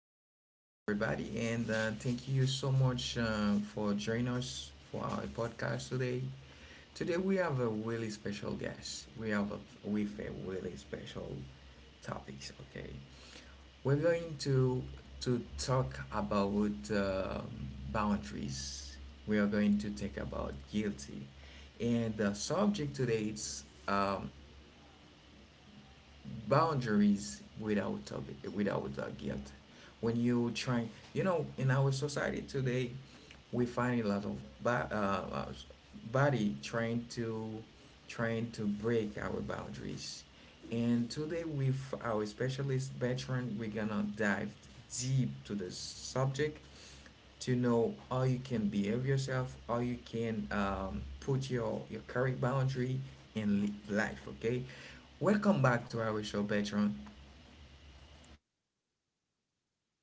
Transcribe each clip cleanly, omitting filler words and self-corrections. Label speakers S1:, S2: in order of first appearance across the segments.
S1: Welcome, welcome everybody, and thank you so much for joining us for our podcast today. Today we have a really special guest. We have a with a really special topics. Okay, we're going to talk about boundaries. We are going to talk about guilty, and the subject today is boundaries without a, without a guilt. When you try, in our society today, we find a lot of body trying to trying to break our boundaries. And today, with our specialist veteran, we're gonna dive deep to the subject to know how you can behave yourself, how you can put your career boundary in life. Okay, welcome back to our show, Patreon.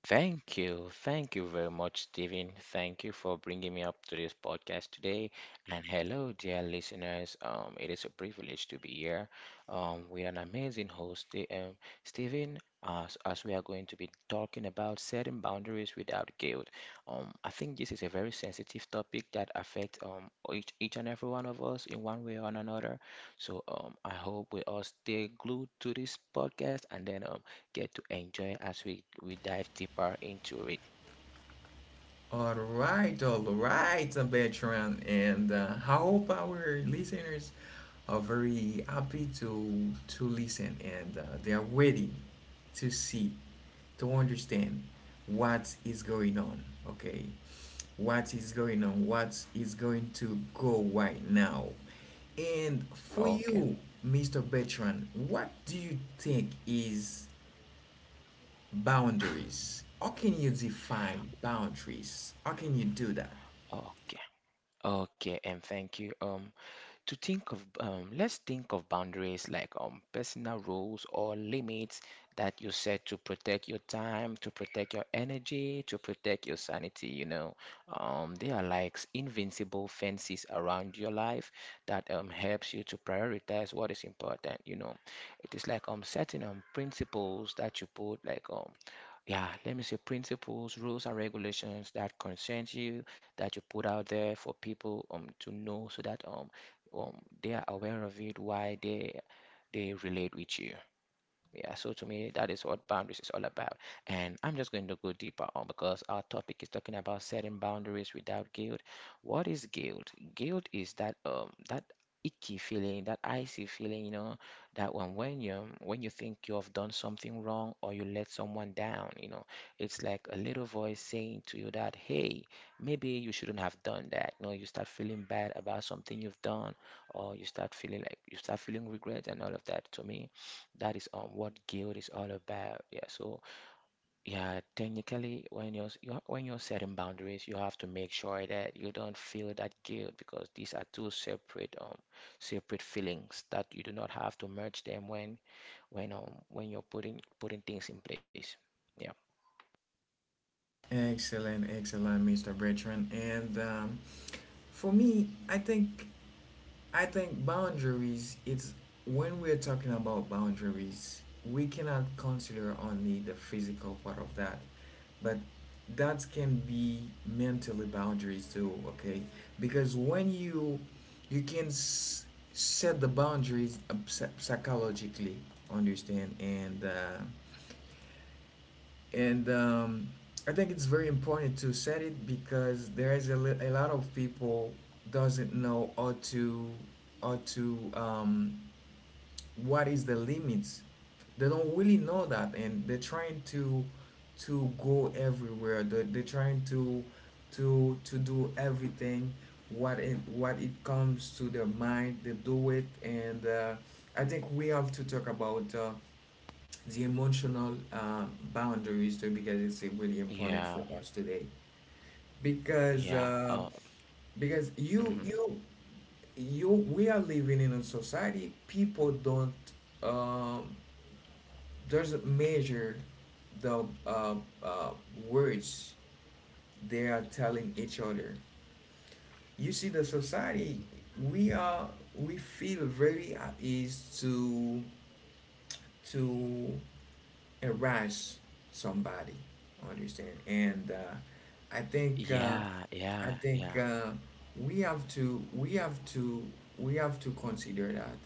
S2: Thank you. Thank you very much, Steven. Thank you for bringing me up to this podcast today. And hello, dear listeners. It is a privilege to be here with an amazing host, Steven, as we are going to be talking about setting boundaries without guilt. I think this is a very sensitive topic that affects each and every one of us in one way or another. So I hope we all stay glued to this podcast and then get to enjoy as we dive deeper into it.
S1: All right, veteran, and I hope our listeners are very happy to listen and they are waiting to see, to understand what is going on. Okay, what is going on? What is going to go right now? And for
S2: Okay.
S1: you, Mr. Bertrand, what do you think is boundaries? How can you define boundaries? How can you do that?
S2: Okay. Okay, and thank you. To think of Let's think of boundaries like personal rules or limits that you set to protect your time, to protect your energy, to protect your sanity, you know. They are like invincible fences around your life that helps you to prioritize what is important, you know. It is like setting principles that you put Yeah, let me see. Principles, rules, and regulations that concerns you that you put out there for people to know so that um they are aware of it, why they relate with you. Yeah, so to me, that is what boundaries is all about. And I'm just going to go deeper on because our topic is talking about setting boundaries without guilt. What is guilt? Guilt is that icky feeling, that icy feeling, you know, that when you think you have done something wrong or you let someone down, you know. It's like a little voice saying to you that, hey, maybe you shouldn't have done that. You know, you start feeling bad about something you've done, or you start feeling regret and all of that. To me. That is what guilt is all about. Yeah, so yeah, technically you're when you're setting boundaries, you have to make sure that you don't feel that guilt because these are two separate feelings that you do not have to merge them when you're putting things in place. Yeah.
S1: Excellent, excellent, Mr. Bertrand. And for me, I think boundaries, it's when we're talking about boundaries, we cannot consider only the physical part of that, but that can be mentally boundaries too, okay? Because when you can set the boundaries psychologically, understand, and I think it's very important to set it because there is a, a lot of people doesn't know how to how to um, what is the limits. They don't really know that, and they're trying to go everywhere. They're trying to do everything what it comes to their mind. They do it, and I think we have to talk about the emotional boundaries too because it's really important
S2: Yeah.
S1: for us today because
S2: Yeah.
S1: uh, because
S2: Mhm.
S1: you we are living in a society people don't um, doesn't measure the uh, words they are telling each other. You see the society we are, we feel very at ease to harass somebody. Understand? And I think uh,
S2: Yeah, yeah,
S1: I
S2: yeah.
S1: think we have to we have to consider that.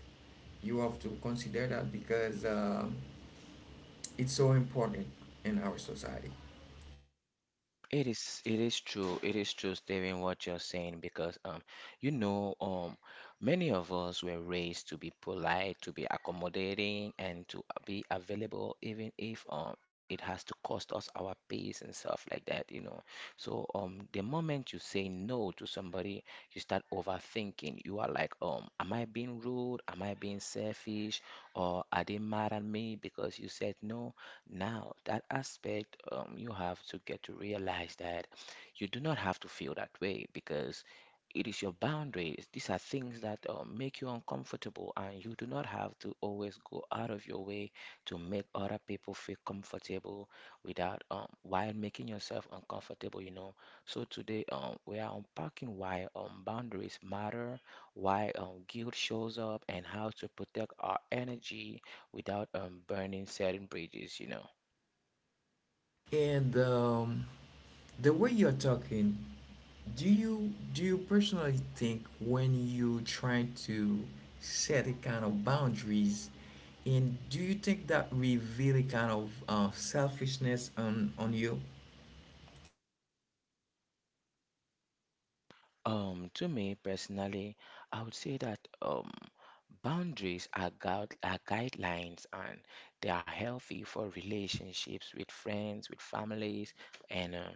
S1: You have to consider that because it's so important in our society.
S2: It is, it is true. It is true, Steven, what you're saying because you know, many of us were raised to be polite, to be accommodating, and to be available even if it has to cost us our peace and stuff like that, you know. So the moment you say no to somebody, you start overthinking. You are like, am I being rude? Am I being selfish? Or are they mad at me because you said no? Now, that aspect, you have to get to realize that you do not have to feel that way because it is your boundaries. These are things that make you uncomfortable, and you do not have to always go out of your way to make other people feel comfortable without while making yourself uncomfortable, you know. So today, we are unpacking why boundaries matter, why guilt shows up, and how to protect our energy without burning certain bridges, you know.
S1: And the way you're talking, do you personally think when you try to set a kind of boundaries, and do you think that reveal a kind of selfishness on you?
S2: To me personally, I would say that boundaries are, guide are guidelines and they are healthy for relationships with friends, with families, and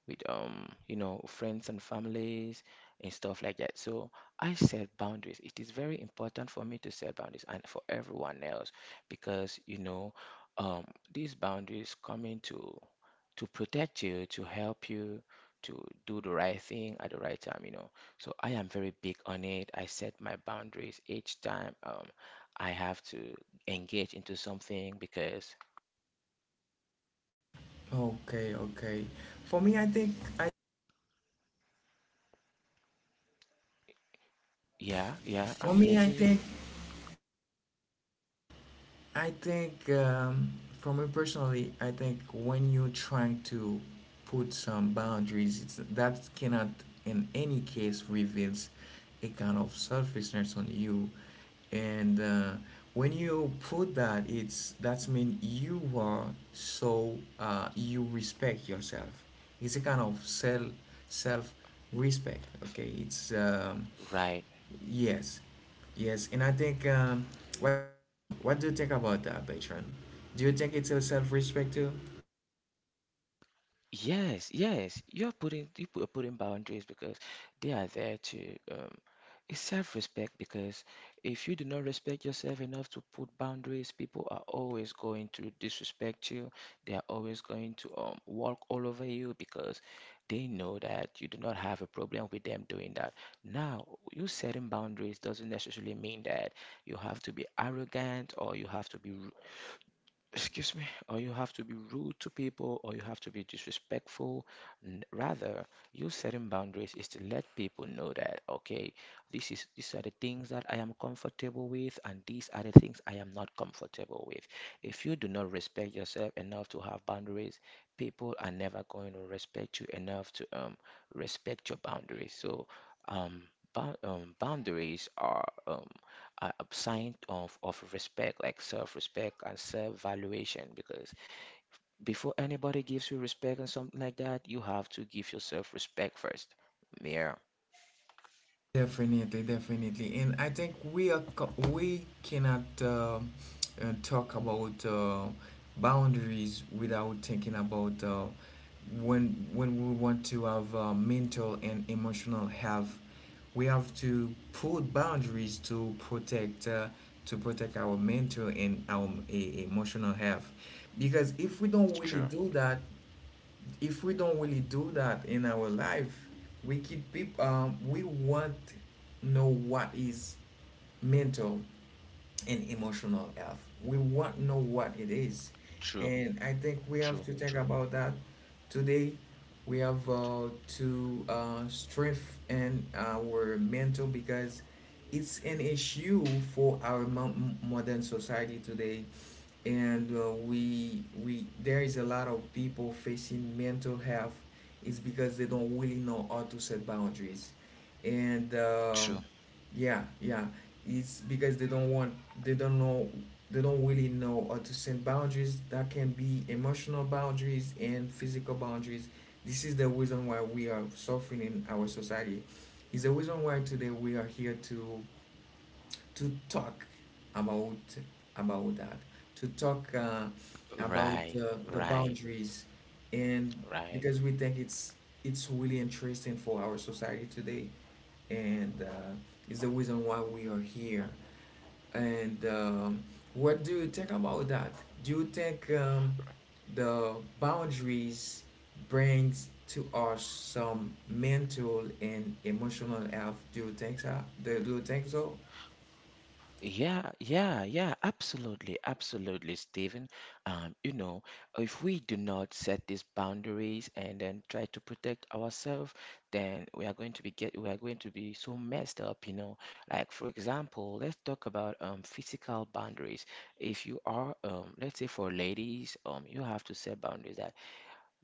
S2: with you know, friends and families and stuff like that. So I set boundaries. It is very important for me to set boundaries and for everyone else because you know, um, these boundaries come into to protect you, to help you, to do the right thing at the right time, you know. So I am very big on it. I set my boundaries each time I have to engage into something because,
S1: Okay, okay. For me, I think I
S2: yeah, yeah,
S1: for
S2: I'm
S1: me I
S2: getting you.
S1: think I think, um, for me personally, I think when you try to put some boundaries, it's, that cannot, in any case, reveals a kind of selfishness on you. And when you put that, it's that's mean you are so you respect yourself. It's a kind of self self respect. Okay, it's
S2: Right.
S1: yes, yes, and I think. What do you think about that, patron? Do you think it's a self-respect too?
S2: Yes, yes, you're putting you put- putting boundaries because they are there to it's self-respect because if you do not respect yourself enough to put boundaries, people are always going to disrespect you. They are always going to walk all over you because they know that you do not have a problem with them doing that. Now, you setting boundaries doesn't necessarily mean that you have to be arrogant or you have to be, excuse me, or you have to be rude to people, or you have to be disrespectful. Rather, you setting boundaries is to let people know that, okay, this is these are the things that I am comfortable with, and these are the things I am not comfortable with. If you do not respect yourself enough to have boundaries, people are never going to respect you enough to respect your boundaries. So, um, boundaries are a sign of respect, like self-respect and self-valuation. Because before anybody gives you respect and something like that, you have to give yourself respect first. Yeah,
S1: Definitely, definitely, and I think we are we cannot talk about boundaries without thinking about when we want to have mental and emotional health. We have to put boundaries to protect our mental and our emotional health, because if we don't
S2: it's
S1: really
S2: true,
S1: do that, if we don't really do that in our life, we keep people. We want know what is mental and emotional health. We want know what it is,
S2: true,
S1: and I think we
S2: true,
S1: have to
S2: true,
S1: think about that today. We have to strengthen our mental because it's an issue for our modern society today, and we there is a lot of people facing mental health is because they don't really know how to set boundaries. And
S2: true.
S1: yeah, yeah, it's because they don't want they don't know they don't really know how to set boundaries that can be emotional boundaries and physical boundaries. This is the reason why we are suffering in our society, is the reason why today we are here to talk about about that, to talk about
S2: Right,
S1: the
S2: right,
S1: boundaries, and
S2: right.
S1: because we think it's really interesting for our society today, and it's the reason why we are here. And what do you think about that? Do you think the boundaries brings to us some mental and emotional health? Do you think so? Do, do you think so?
S2: Yeah, yeah, yeah, absolutely, absolutely, Stephen. You know, if we do not set these boundaries and then try to protect ourselves, then we are going to be so messed up, you know. Like for example, let's talk about physical boundaries. If you are um, let's say for ladies, um, you have to set boundaries.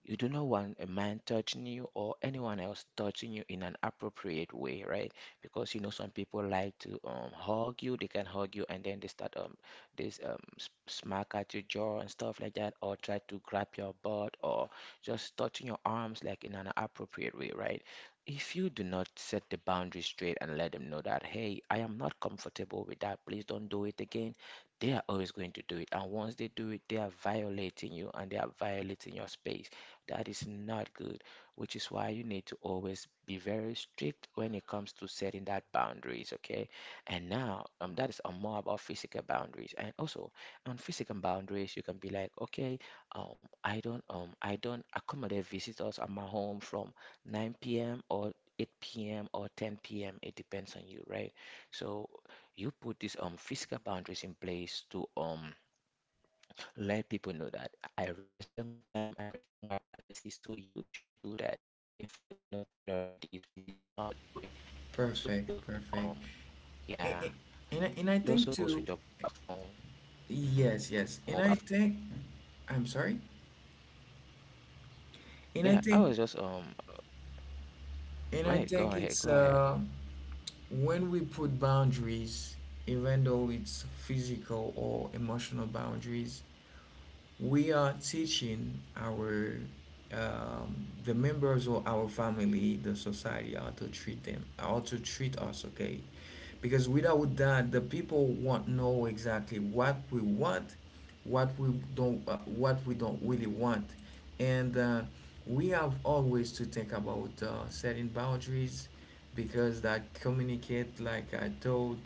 S2: You do not want a man touching you or anyone else touching you in an appropriate way, right? Because you know some people like to hug you. They can hug you and then they start smack at your jaw and stuff like that, or try to grab your butt or just touching your arms like in an appropriate way, right? If you do not set the boundary straight and let them know that, hey, I am not comfortable with that, please don't do it again, they are always going to do it. And once they do it, they are violating you and they are violating your space. That is not good, which is why you need to always be very strict when it comes to setting that boundaries, okay? And now, that is more about physical boundaries. And also, on physical boundaries, you can be like, okay, I don't accommodate visitors at my home from 9 p.m. or 8 p.m. or 10 p.m. It depends on you, right? So you put these physical boundaries in place to let people know that I respect my time, I respect my privacy, so you should do that. If I do not tolerate this, please do not do it. It also
S1: Perfect,
S2: goes with
S1: perfect.
S2: yeah,
S1: A- a- And,
S2: it
S1: and I
S2: also
S1: think
S2: goes with your
S1: too,
S2: mobile phone. Mm-hmm.
S1: yes, yes. And I'm sorry.
S2: Yeah,
S1: And I
S2: I was
S1: think,
S2: just um,
S1: and I
S2: right, go
S1: think
S2: ahead, go
S1: it's
S2: ahead.
S1: when we put boundaries, even though it's physical or emotional boundaries, we are teaching our the members of our family, the society, how to treat them, how to treat us, okay? Because without that, the people won't know exactly what we want, what we don't really want, and we have always to think about setting boundaries because that communicate like I told.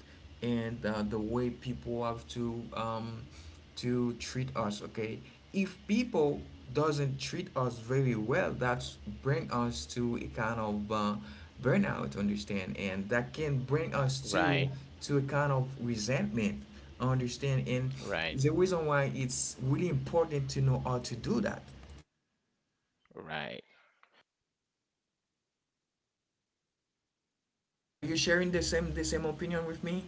S1: And the way people have to treat us, okay, if people doesn't treat us very well, that's bring us to a kind of burnout, understand, and that can bring us
S2: Right,
S1: to a kind of resentment, understand, and
S2: right,
S1: the reason why it's really important to know how to do that.
S2: right.
S1: Are you sharing the same opinion with me?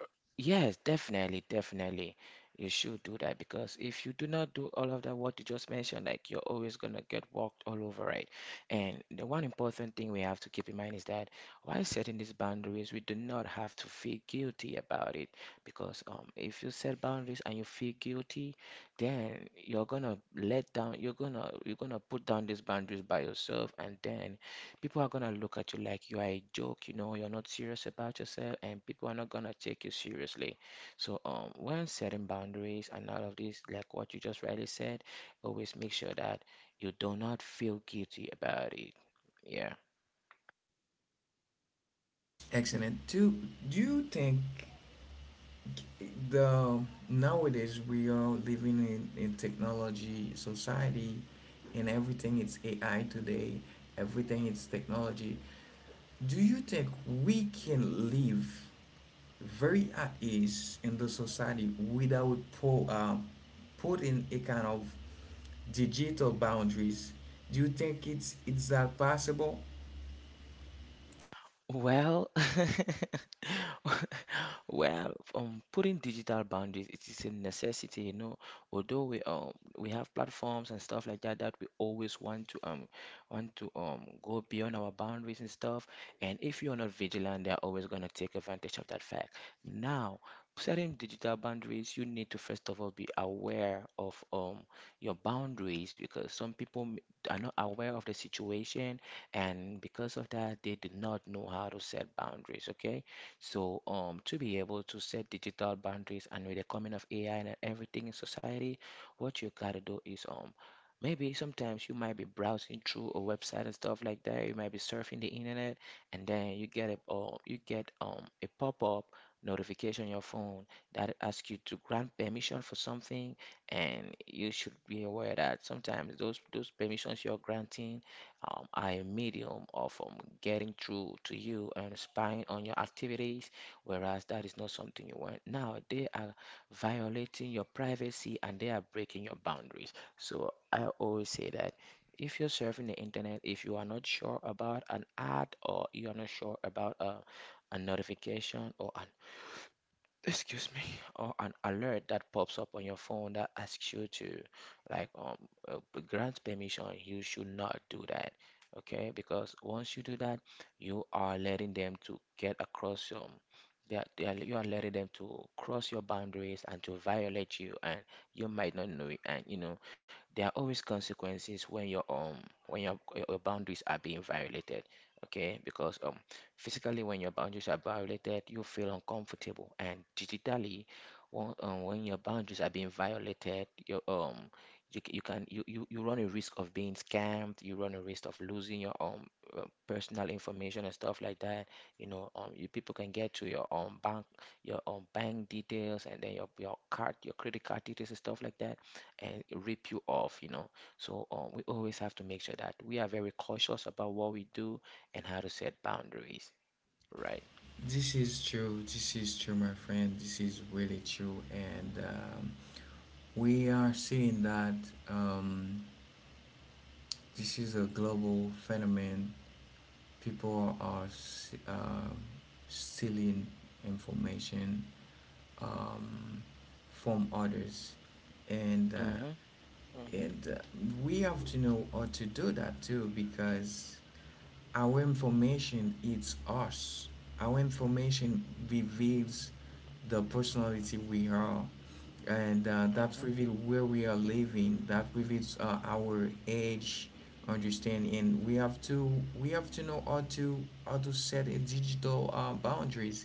S2: Yes, definitely, definitely. You should do that because if you do not do all of that, what you just mentioned, like, you're always gonna get walked all over, right? And the one important thing we have to keep in mind is that while setting these boundaries, we do not have to feel guilty about it because if you set boundaries and you feel guilty, then you're gonna, you're gonna put down these boundaries by yourself, and then people are gonna look at you like you are a joke, you know, you're not serious about yourself, and people are not gonna take you seriously. So, when setting boundaries and all of this, like what you just rightly said, always make sure that you do not feel guilty about it. Yeah.
S1: Excellent. Do do you think the nowadays we are living in technology society, and everything it's AI today, everything it's technology. Do you think we can live very at ease in the society without putting a kind of digital boundaries? Do you think it's that possible?
S2: Well, well, putting digital boundaries, it is a necessity, you know. Although we have platforms and stuff like that that we always want to go beyond our boundaries and stuff. And if you're not vigilant, they're always gonna take advantage of that fact. Now, setting digital boundaries, you need to first of all be aware of your boundaries because are not aware of the situation, and because of that they do not know how to set boundaries. Okay, so um, to be able to set digital boundaries and with the coming of AI and everything in society, what you gotta do is um, maybe sometimes you might be browsing through a website and stuff like that, you might be surfing the internet, and then you get a pop-up notification on your phone that asks you to grant permission for something, and you should be aware that sometimes those permissions you're granting, I am medium of getting through to you and spying on your activities, whereas that is not something you want. Now they are violating your privacy and they are breaking your boundaries. So I always say that if you're surfing the internet, if you are not sure about an ad, or you are not sure about a notification, or an excuse me, alert that pops up on your phone that asks you to like uh, grant permission, you should not do that. Okay, because once you do that, you are letting them to get across you are letting them to cross your boundaries and to violate you, and you might not know it, and there are always consequences when when your, your boundaries are being violated, okay because Physically, when your boundaries are violated, you feel uncomfortable, and digitally, when your boundaries are being violated, you you, you can you, you you run a risk of being scammed. You run a risk of losing your personal information and stuff like that. You people can get to your bank details, and then your credit card details and stuff like that, and rip you off. We always have to make sure that we are very cautious about what we do and how to set boundaries, right?
S1: This is true. This is true, my friend. This is really true, and we are seeing that um, this is a global phenomenon. People are uh, stealing information um, from others, and
S2: Mhm.
S1: uh,
S2: Mhm.
S1: and we have to know how to do that too because our information is us. Our information reveals the personality we are, and that
S2: Mhm.
S1: reveals where we are living. That reveals our age, understand, and we have to know how to set a digital boundaries.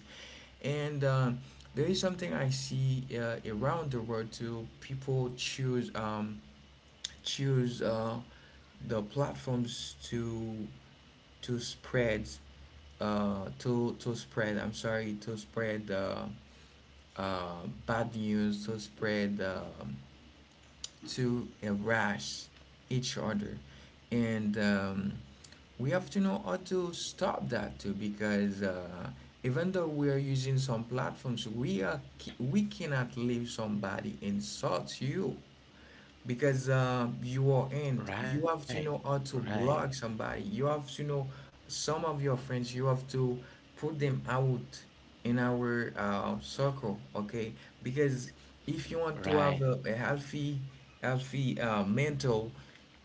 S1: And there is something I see around the world too. People choose choose the platforms to spread to spread, I'm sorry, to spread bad news, to spread to rash each other. And we have to know how to stop that too because even though we are using some platforms, we are we cannot leave somebody insult you because you are in
S2: Right.
S1: you have to know how
S2: Right.
S1: to block somebody. You have to know some of your friends you have to put them out in our circle, okay? Because if you want to
S2: Right.
S1: have a healthy healthy mental,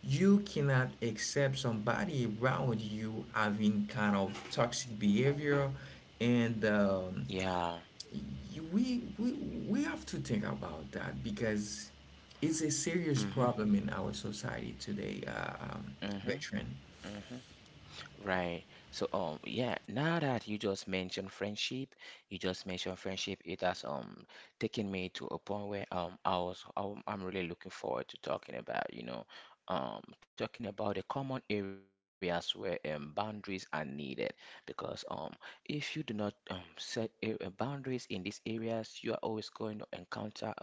S1: you cannot accept somebody around you having kind of toxic behavior. And
S2: Yeah.
S1: we we we have to think about that because it's a serious
S2: Mhm.
S1: problem in our society today,
S2: Mhm.
S1: Bertrand.
S2: Mhm. Right. So yeah, now that you just mentioned friendship, it has taken me to a point where I'm really looking forward to talking about the common areas where boundaries are needed, because if you do not set boundaries in these areas, you are always going to encounter um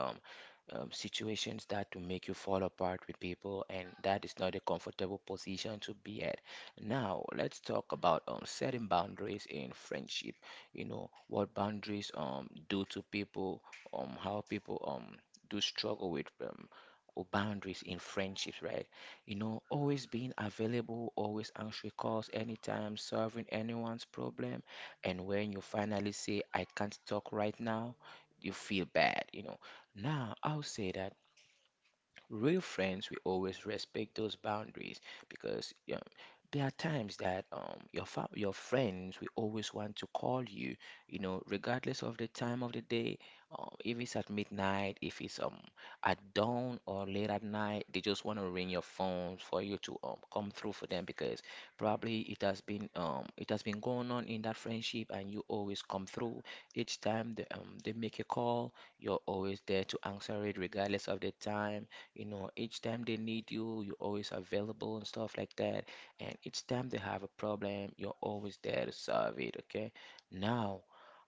S2: um, situations that will make you fall apart with people, and that is not a comfortable position to be at. Now, let's talk about setting boundaries in friendship. What boundaries do to people, how people do struggle with boundaries in friendships, right? Always being available, always answering calls anytime, solving anyone's problem, and when you finally say, "I can't talk right now," you feel bad. Now, I'll say that real friends, we always respect those boundaries, because there are times that, your friends will always want to call you, regardless of the time of the day. If it's at midnight, if it's at dawn or late at night, they just want to ring your phone for you to come through for them, because probably it has been going on in that friendship, and you always come through. Each time they make a call, you're always there to answer it regardless of the time. Each time they need you, you're always available and stuff like that. And each time they have a problem, you're always there to solve it, okay? Now,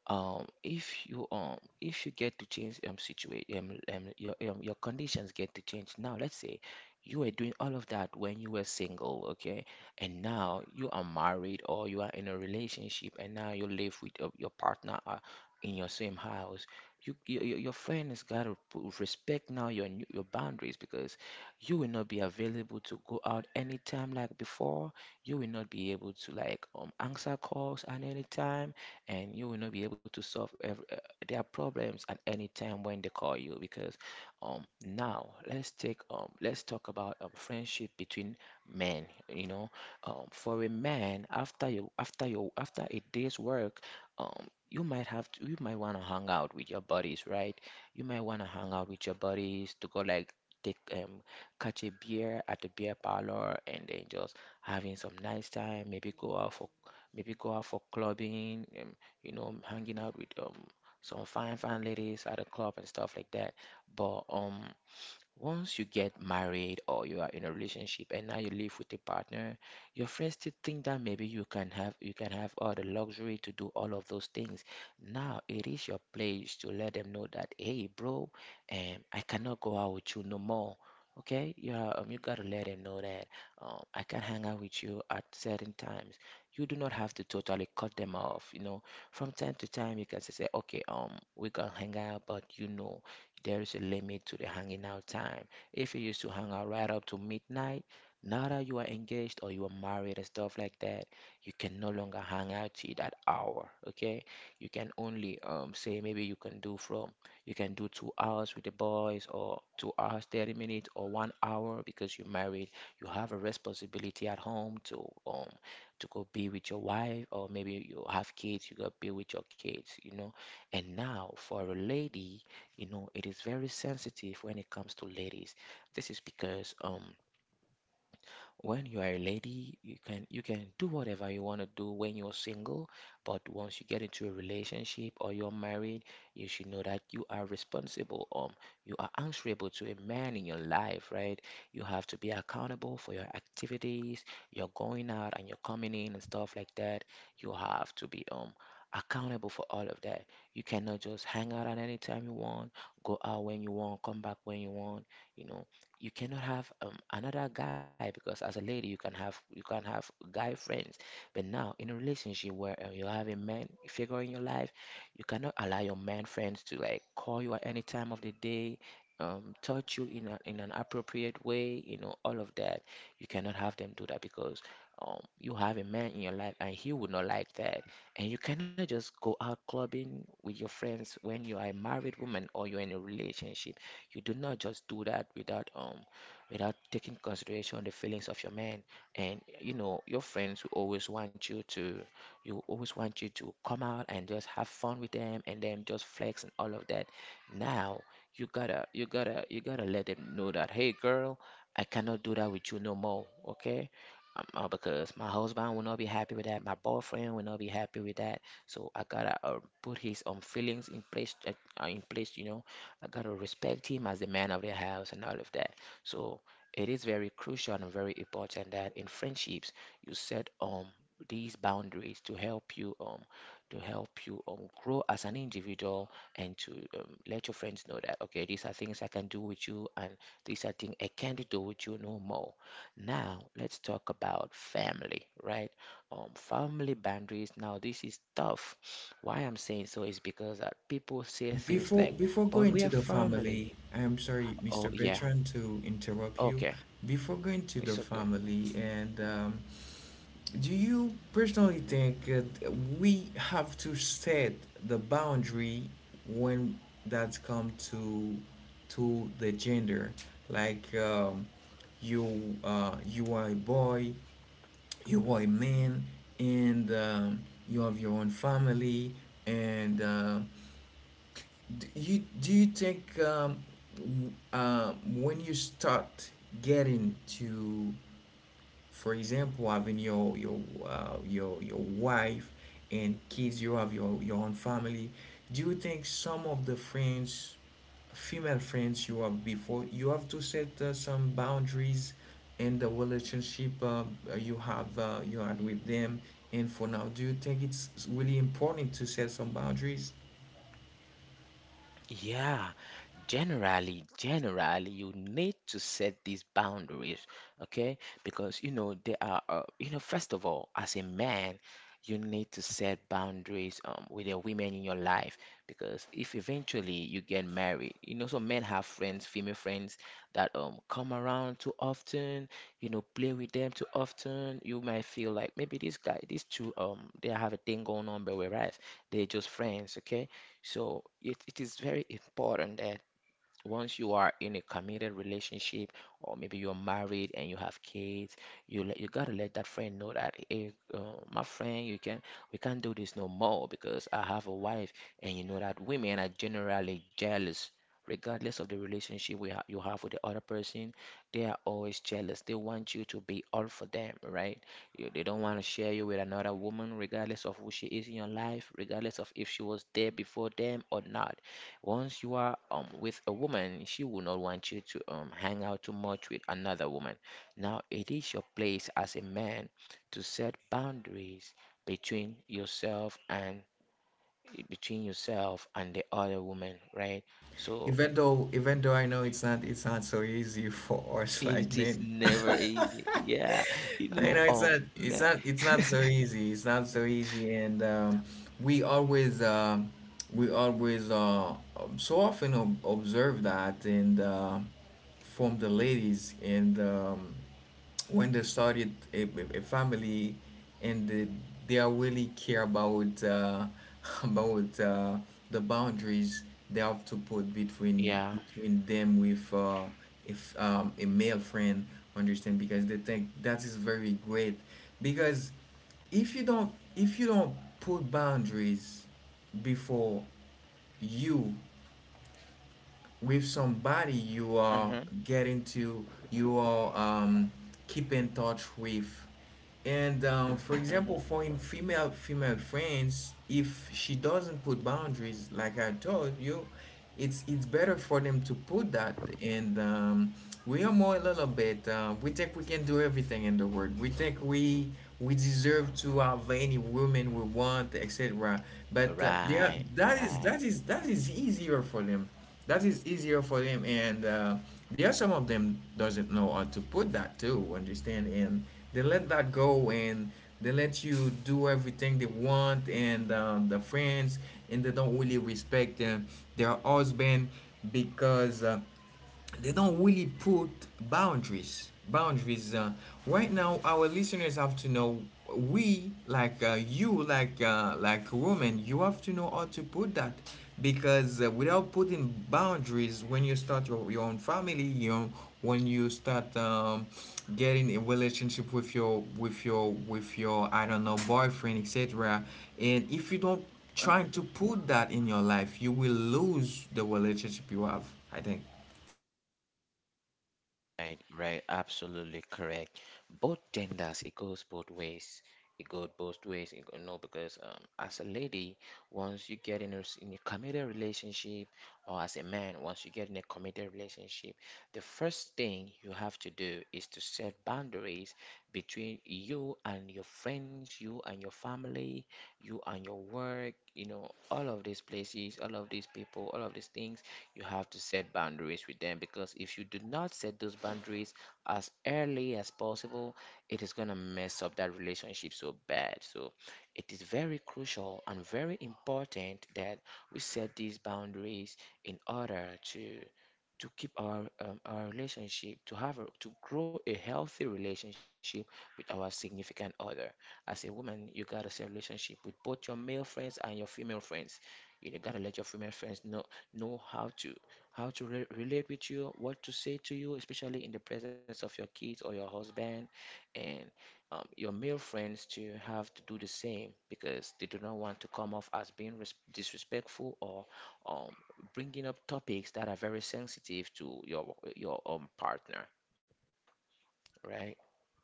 S2: if you get to change situation your conditions get to change. Now, let's say you were doing all of that when you were single, okay? And now you are married, or you are in a relationship, and now you live with your partner in your same house. Your friend has got to put respect now your boundaries, because you will not be available to go out anytime like before. You will not be able to like answer calls at any time, and you will not be able to solve their problems at any time when they call you. Because Now, let's talk about friendship between men. For a man, after a day's work, you might want to hang out with your buddies, right? You might want to hang out with your buddies to go like take catch a beer at the beer parlor, and then just having some nice time, maybe go out for clubbing, hanging out with some fine, fine ladies at a club and stuff like that. But once you get married, or you are in a relationship and now you live with a partner, your friends still think that maybe you can have all the luxury to do all of those things. Now, it is your place to let them know that, "Hey, bro, I cannot go out with you no more. Okay, yeah, you gotta let them know that, I can hang out with you at certain times." You do not have to totally cut them off. You know, from time to time you can say, "Okay, we can hang out, but there is a limit to the hanging out time." If you used to hang out right up to midnight, now that you are engaged or you are married and stuff like that, you can no longer hang out till that hour. Okay, you can only say, maybe you can do 2 hours with the boys, or 2 hours 30 minutes, or 1 hour, because you're married. You have a responsibility at home to um go be with your wife, or maybe you have kids. You go be with your kids. And now, for a lady, you know, it is very sensitive when it comes to ladies. This is because when you are a lady, you can do whatever you want to do when you're single, but once you get into a relationship or you're married, you should know that you are responsible. You are answerable to a man in your life, right? You have to be accountable for your activities, your going out and your coming in and stuff like that. You have to be accountable for all of that. You cannot just hang out at any time you want, go out when you want, come back when you want. You know, you cannot have another guy, because as a lady, you can have guy friends, but now in a relationship where you have a man figure in your life, you cannot allow your man friends to like call you at any time of the day, touch you in an appropriate way, all of that. You cannot have them do that, because you have a man in your life, and he would not like that. And you cannot just go out clubbing with your friends when you are a married woman or you're in a relationship. You do not just do that without taking consideration the feelings of your man. And your friends will always want you to come out and just have fun with them, and then just flex and all of that. Now, you gotta let them know that, "Hey, girl, I cannot do that with you no more. Okay." Because my husband will not be happy with that, my boyfriend will not be happy with that. So I gotta put his own feelings in place, I gotta respect him as the man of the house and all of that. So it is very crucial and very important that in friendships you set these boundaries to help you grow as an individual, and to let your friends know that, okay, these are things I can do with you, and these are things I can't do with you no more. Now let's talk about family, right? Family boundaries. Now, this is tough. Why I'm saying so is because that people say things
S1: Before
S2: like,
S1: before
S2: "But
S1: going
S2: we
S1: to
S2: are
S1: the
S2: family."
S1: family, I am sorry, Mr.
S2: Oh yeah,
S1: Bertrand, to interrupt you.
S2: okay.
S1: Before going to the
S2: It's okay.
S1: family and do you personally think that we have to set the boundary when that come to the gender? Like you you are a boy, you are a man, and you have your own family. And do you think when you start getting to, for example, having your your wife and kids, you have your own family. Do you think some of the friends, female friends you have before, you have to set some boundaries in the relationship you have you had with them? And for now, do you think it's really important to set some boundaries?
S2: Yeah. Generally, you need to set these boundaries, okay? Because you know there are you know first of all, as a man, you need to set boundaries with the women in your life, because if eventually you get married, some men have friends, female friends, that come around too often, play with them too often. You might feel like maybe this guy these two, they have a thing going on, but whereas they're just friends, okay? So it is very important that once you are in a committed relationship, or maybe you're married and you have kids, you gotta let that friend know that, "Hey, my friend, you can we can't do this no more, because I have a wife." And you know that women are generally jealous, regardless of the relationship we ha you have with the other person. They are always jealous. They want you to be all for them, right? They don't want to share you with another woman, regardless of who she is in your life, regardless of if she was there before them or not. Once you are with a woman, she will not want you to hang out too much with another woman. Now, it is your place as a man to set boundaries between yourself and between yourself and the other woman, right? So
S1: Even though I know it's not so easy for us like
S2: it is
S1: men.
S2: never easy. Yeah,
S1: I know it's not it's
S2: man.
S1: not it's not so easy. It's not so easy, and we always um, we always so often observe that, and from the ladies. And when they started a family and they are really care about about the boundaries they have to put between
S2: Yeah.
S1: between them with if a male friend, understand, because they think that is very great because if you don't put boundaries before you with somebody you are
S2: Mm-hmm.
S1: getting to, you are keep in touch with. And for example,
S2: Mm-hmm.
S1: for in female female friends, if she doesn't put boundaries, like I told you, it's better for them to put that. And we are more a little bit. We think we can do everything in the world. We think we deserve to have any woman we want, etc. But they are,
S2: Right.
S1: that is
S2: Right.
S1: that is that is easier for them and there are some of them doesn't know how to put that too understand, and they let that go, and they let you do everything they want and the friends, and they don't really respect their husband because they don't really put boundaries. Right now our listeners have to know, we like you like women, you have to know how to put that because without putting boundaries, when you start your own family, when you start getting a relationship with your with your with your I don't know, boyfriend, etc. And if you don't try
S2: Mm-hmm.
S1: to put that in your life, you will lose the relationship you have, I think.
S2: Right, right, absolutely correct. Both genders, it goes both ways. No, because as a lady, once you get in in a committed relationship, or as a man, once you get in a committed relationship, the first thing you have to do is to set boundaries between you and your friends, you and your family, you and your work, you know, all of these places, all of these people, all of these things you have to set boundaries with them because if you do not set those boundaries as early as possible, it is going to mess up that relationship so bad. So it is very crucial and very important that we set these boundaries in order to to keep our relationship to to grow a healthy relationship with our significant other. As a woman, you gotta set relationship with both your male friends and your female friends. You gotta let your female friends know know how to how to relate with you, what to say to you, especially in the presence of your kids or your husband. And your male friends to have to do the same because they do not want to come off as being disrespectful or um, bringing up topics that are very sensitive to your partner, right?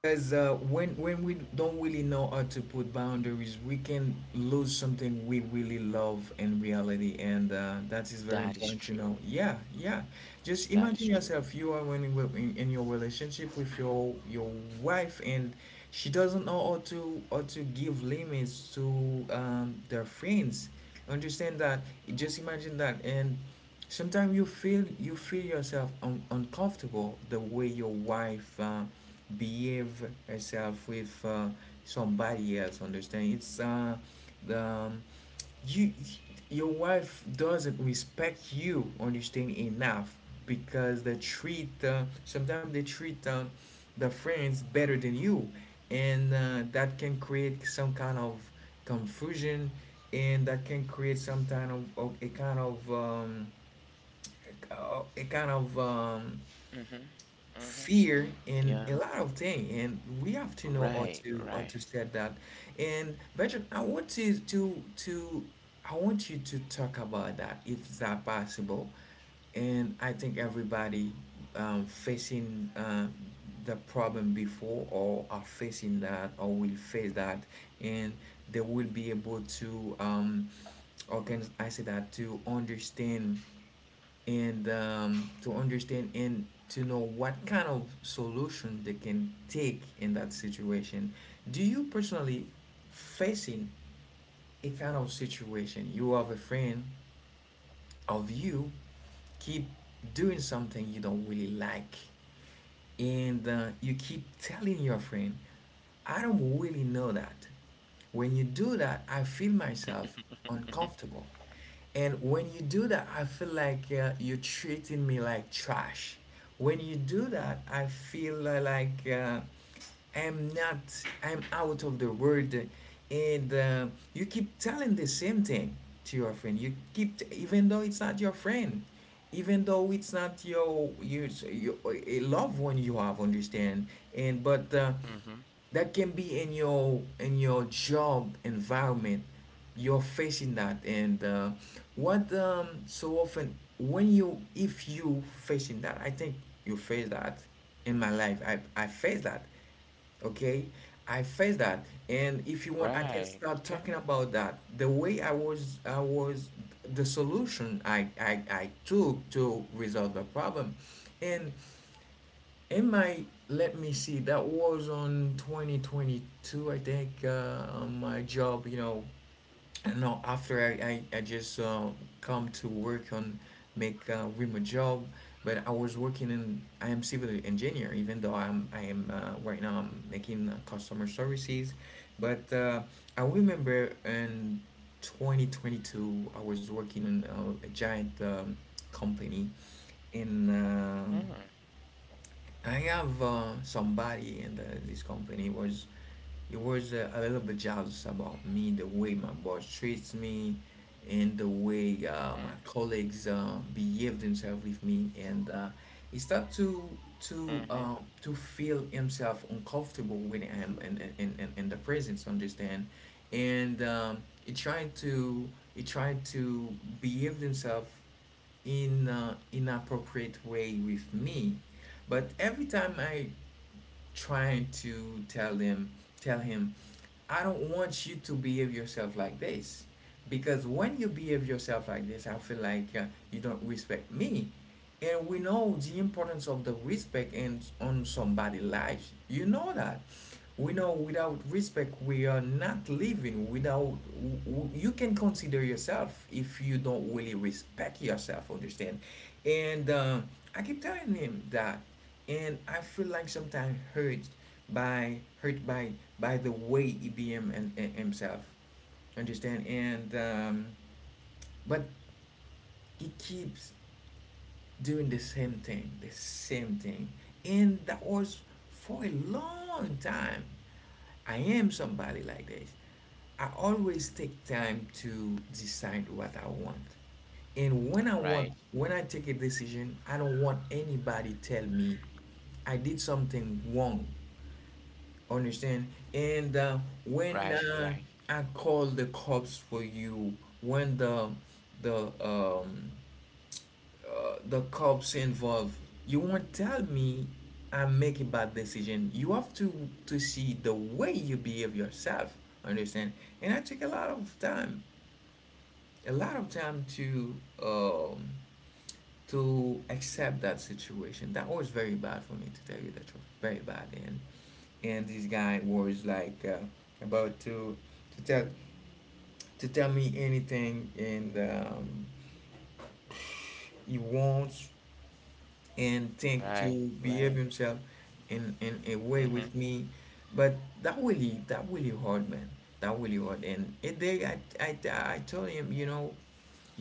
S1: Because when we don't really know how to put boundaries, we can lose something we really love in reality, and that is very
S2: That is
S1: important to
S2: true.
S1: know. Yeah, yeah. Just
S2: That is
S1: imagine
S2: true.
S1: yourself. You are, when you- in your relationship with your wife, and she doesn't know how to give limits to their friends. Understand that? Just imagine that. And sometimes you feel, yourself uncomfortable, the way your wife behave herself with somebody else. Understand? It's the you, your wife doesn't respect you. Understand enough, because they treat sometimes they treat the friends better than you, and that can create some kind of confusion, and that can create some kind of a kind of a kind of
S2: Mm-hmm. Mm-hmm.
S1: fear in a
S2: Yeah.
S1: lot of things, and we have to know how
S2: Right.
S1: to how to
S2: Right.
S1: set that. And Bertrand, I want you to talk about that if it's that possible. And I think everybody facing the problem before, or are facing that, or will face that, and they will be able to or can I say that, to understand and to know what kind of solution they can take in that situation. Do you personally facing a kind of situation? You have a friend of you keep doing something you don't really like, and you keep telling your friend, I don't really know that, when you do that I feel myself
S2: Mm-hmm.
S1: uncomfortable. And when you do that, I feel like you're treating me like trash. When you do that, I feel like I'm not, I'm out of the world. And you keep telling the same thing to your friend. You keep, t- even though it's not your friend, even though it's not your, your a loved one you have, understand? But
S2: Mm-hmm.
S1: that can be in your job environment, you're facing that. And what so often when you, if you facing that, I think you face that. In my life I face that. Okay, I face that. And if you want, I can
S2: Right.
S1: start
S2: Okay.
S1: talking about that, the way I was the solution I took to resolve the problem. And it might, let me see. That was on 2022, I think. On my job, you know. No. After I just come to work on, make remote job. But I was working in. I am civil engineer, even though I'm I am right now I'm making customer services. But I remember in 2022 I was working in a giant company in.
S2: Mm-hmm.
S1: I have somebody in this company was, he was a little bit jealous about me, the way my boss treats me and the way my colleagues behave themselves with me. And he start to
S2: Mm-hmm.
S1: to uh, to feel himself uncomfortable when I am in the presence, understand? And he tried to he tried to behave himself in an inappropriate way with me. But every time I trying to tell him, I don't want you to behave yourself like this, because when you behave yourself like this, I feel like you don't respect me. And we know the importance of the respect in, on somebody' life, you know that. We know, without respect we are not living. Without, you can consider yourself if you don't really respect yourself, understand? And I keep telling him that. And I feel like sometimes hurt, by hurt by by the way EBM and himself, understand? And but he keeps doing the same thing, the same thing. And that was for a long time. I am somebody like this. I always take time to decide what I want. And when I
S2: Right.
S1: want, when I take a decision, I don't want anybody tell me I did something wrong, understand? And when
S2: Right, right,
S1: I call the cops for you. When the um the cops involved, you won't tell me I make a bad decision. You have to see the way you behave yourself, understand? And I take a lot of time, a lot of time um to accept that situation. That was very bad for me, to tell you the truth. Very bad. And this guy was like about to to tell tell me anything. And he wants and think to
S2: right, right.
S1: behave himself in a way
S2: Mm-hmm.
S1: with me. But that really, that really hard, man. That really hard. And a day I told him, you know,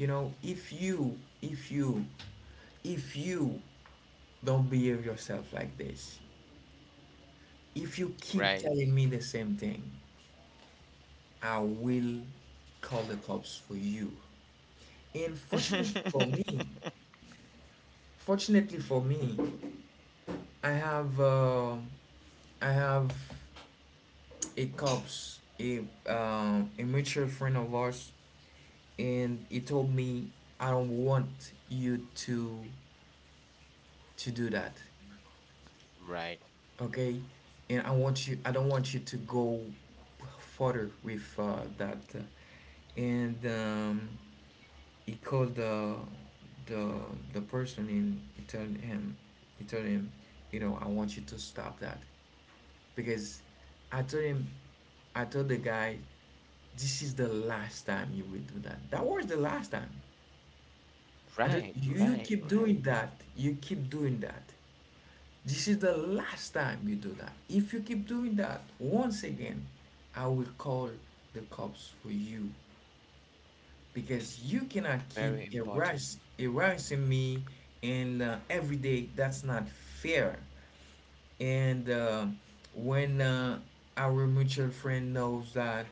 S1: if you if you if you don't behave yourself like this, if you keep
S2: Right.
S1: telling me the same thing, I will call the cops for you. And fortunately for me, fortunately for me, I have I have a cops, a mutual friend of ours. And he told me, I don't want you to do that.
S2: Right,
S1: Okay. And I want you, I don't want you to go further with that. And he called the the person, and he told him, he told him, you know, I want you to stop that. Because I told him, I told the guy, this is the last time you will do that. That was the last time. I just,
S2: right,
S1: you
S2: right,
S1: keep
S2: right.
S1: doing that, you keep doing that. This is the last time you do that. If you keep doing that, once again, I will call the cops for you, because you cannot
S2: Very
S1: keep
S2: important.
S1: harassing me and every day. That's not fair. And when our mutual friend knows that,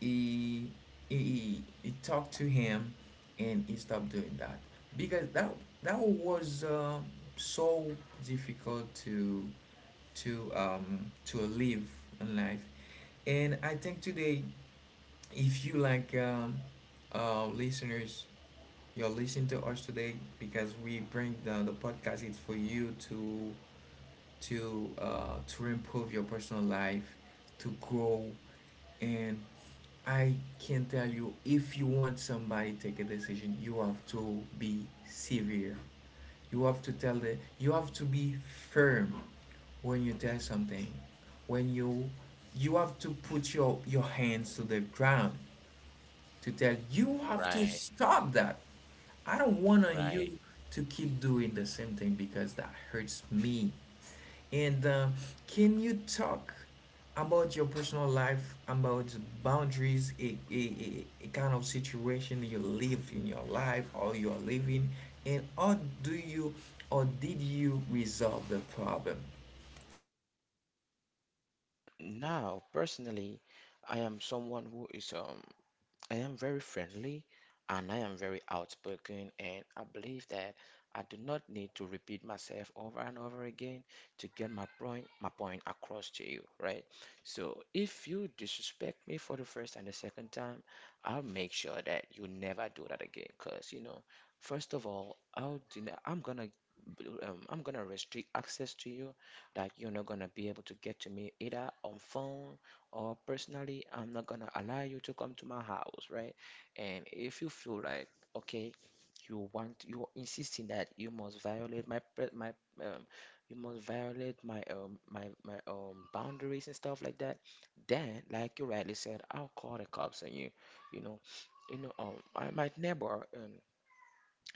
S1: he, he talked to him, and he stopped doing that, because that was so difficult to to live a life. And I think today, if you like listeners, you're listening to us today because we bring the podcast, it's for you to to improve your personal life, to grow. And I can tell you, if you want somebody to take a decision, you have to be severe, you have to tell them, you have to be firm. When you tell something, when you have to put your hands to the ground, to tell, you have to
S2: Right,
S1: stop that. I don't want on
S2: right.
S1: you to keep doing the same thing, because that hurts me. And can you talk about your personal life, about boundaries, a, kind of situation you live in your life, or you're living, and how do you, or did you resolve the problem?
S2: Now, personally, I am someone who is I am very friendly and I am very outspoken, and I believe that I do not need to repeat myself over and over again to get my point across to you, right? So if you disrespect me for the first and the second time, I'll make sure that you never do that again. Cause you know, first of all, I'm gonna restrict access to you that you're not gonna be able to get to me either on phone or personally. I'm not gonna allow you to come to my house, right? And if you feel like, okay, you're insisting that you must violate my um, you must violate my boundaries and stuff like that, then like you rightly said, I'll call the cops on you. You know, you know, my neighbor,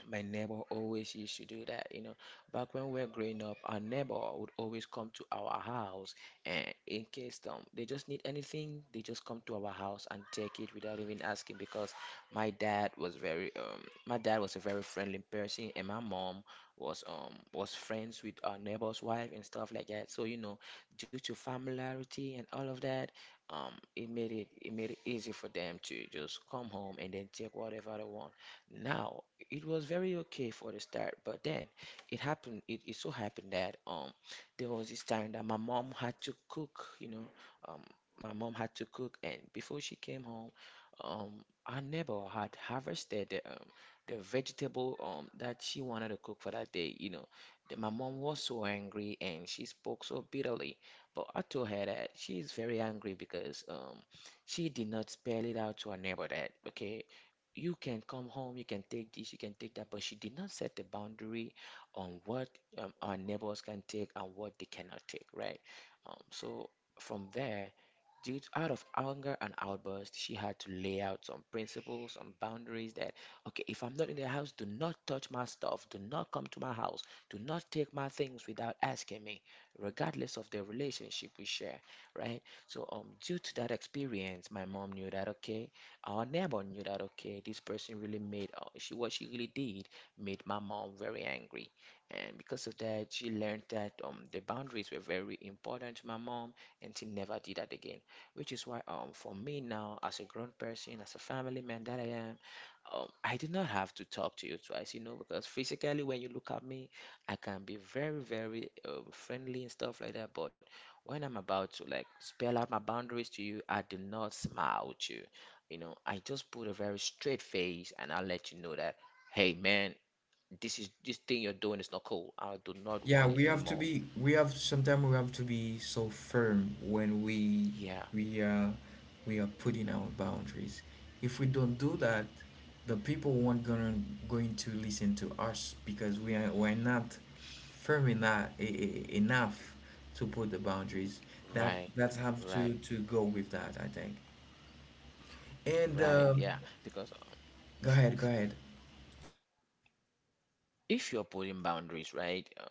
S2: my neighbor always used to do that, you know. Back when we were growing up, our neighbor would always come to our house, and in case they just need anything, they just come to our house and take it without even asking. Because my dad was my dad was a very friendly person, and my mom was friends with our neighbor's wife and stuff like that. So you know, due to familiarity and all of that, it made it made it easy for them to just come home and then take whatever they want. Now, it was very okay for the start, but then it so happened that there was this time that my mom had to cook, you know, um my mom had to cook and before she came home, um our neighbor had harvested the the vegetable that she wanted to cook for that day, you know. My mom was so angry and she spoke so bitterly, but I told her that she is very angry because she did not spell it out to her neighbor that, okay, you can come home, you can take this, you can take that, but she did not set the boundary on what our neighbors can take and what they cannot take, right? So from there, due to, out of anger and outburst, she had to lay out some principles, some boundaries that, okay, if I'm not in the house, do not touch my stuff, do not come to my house, do not take my things without asking me, regardless of the relationship we share, right? So, due to that experience, my mom knew that, okay, our neighbor knew that, okay, this person really made, she what she really did made my mom very angry. And because of that, she learned that the boundaries were very important to my mom, and she never did that again, which is why for me now, as a grown person, as a family man that I am, I do not have to talk to you twice. You know, because physically when you look at me, I can be very very friendly and stuff like that, but when I'm about to like spell out my boundaries to you, I do not smile at you. You know, I just put a very straight face and I'll let you know that, hey man, this thing you're doing is not cool. I do not
S1: Yeah,
S2: want it
S1: we have to
S2: anymore.
S1: be. We have sometimes we have to be so firm when
S2: Yeah.
S1: we are we are putting our boundaries. If we don't do that, the people won't gonna going to listen to us, because we're not firm enough to put the boundaries.
S2: Right.
S1: That's have
S2: Right.
S1: to go with that, I think. And
S2: Right. Yeah, because
S1: go ahead, go ahead.
S2: if you're putting boundaries, right?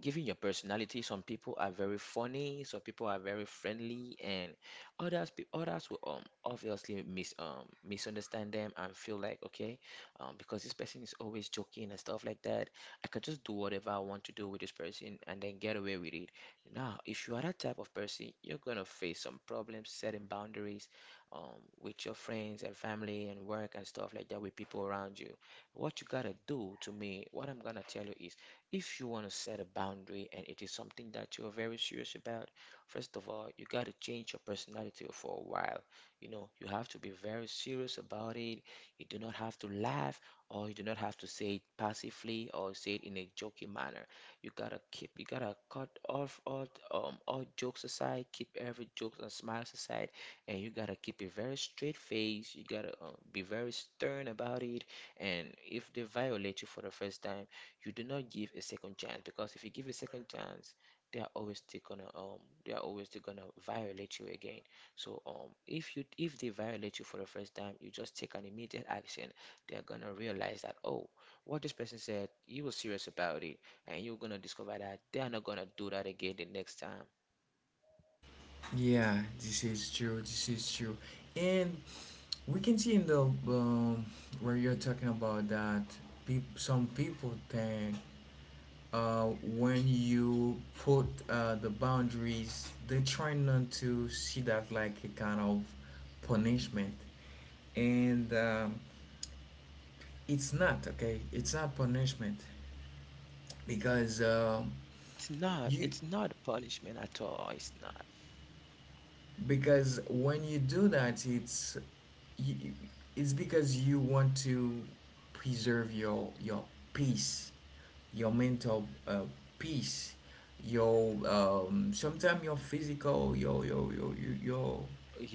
S2: Given your personality, some people are very funny, some people are very friendly, and others will obviously misunderstand them and feel like, okay, because this person is always joking and stuff like that, I can just do whatever I want to do with this person and then get away with it. Now, if you are that type of person, you're gonna face some problems setting boundaries, with your friends and family and work and stuff like that, with people around you. What you gotta do to me, What I'm gonna tell you is, if you wanna set a boundary and it is something that you're very serious about, first of all, you gotta change your personality for a while. You know, you have to be very serious about it. You do not have to laugh or you do not have to say it passively or say it in a joking manner. You gotta cut off all jokes aside, keep every joke and smiles aside, and you gotta keep a very straight face. You gotta be very stern about it. And if they violate you for the first time, you do not give a second chance, because if you give a second chance, they are always still gonna violate you again. So if you if they violate you for the first time, you just take an immediate action. They are gonna realize that, oh, what this person said, you were serious about it, and you're gonna discover that they are not gonna do that again the next time.
S1: Yeah, this is true. This is true. And we can see in the where you're talking about that, some people think, when you put the boundaries, they try not to see that like a kind of punishment. And it's not, okay? It's not punishment, because
S2: It's not. It's not a
S1: you,
S2: punishment at all. It's not.
S1: because when you do that, it's you, it's because you want to preserve your peace, your mental peace, your sometimes your physical,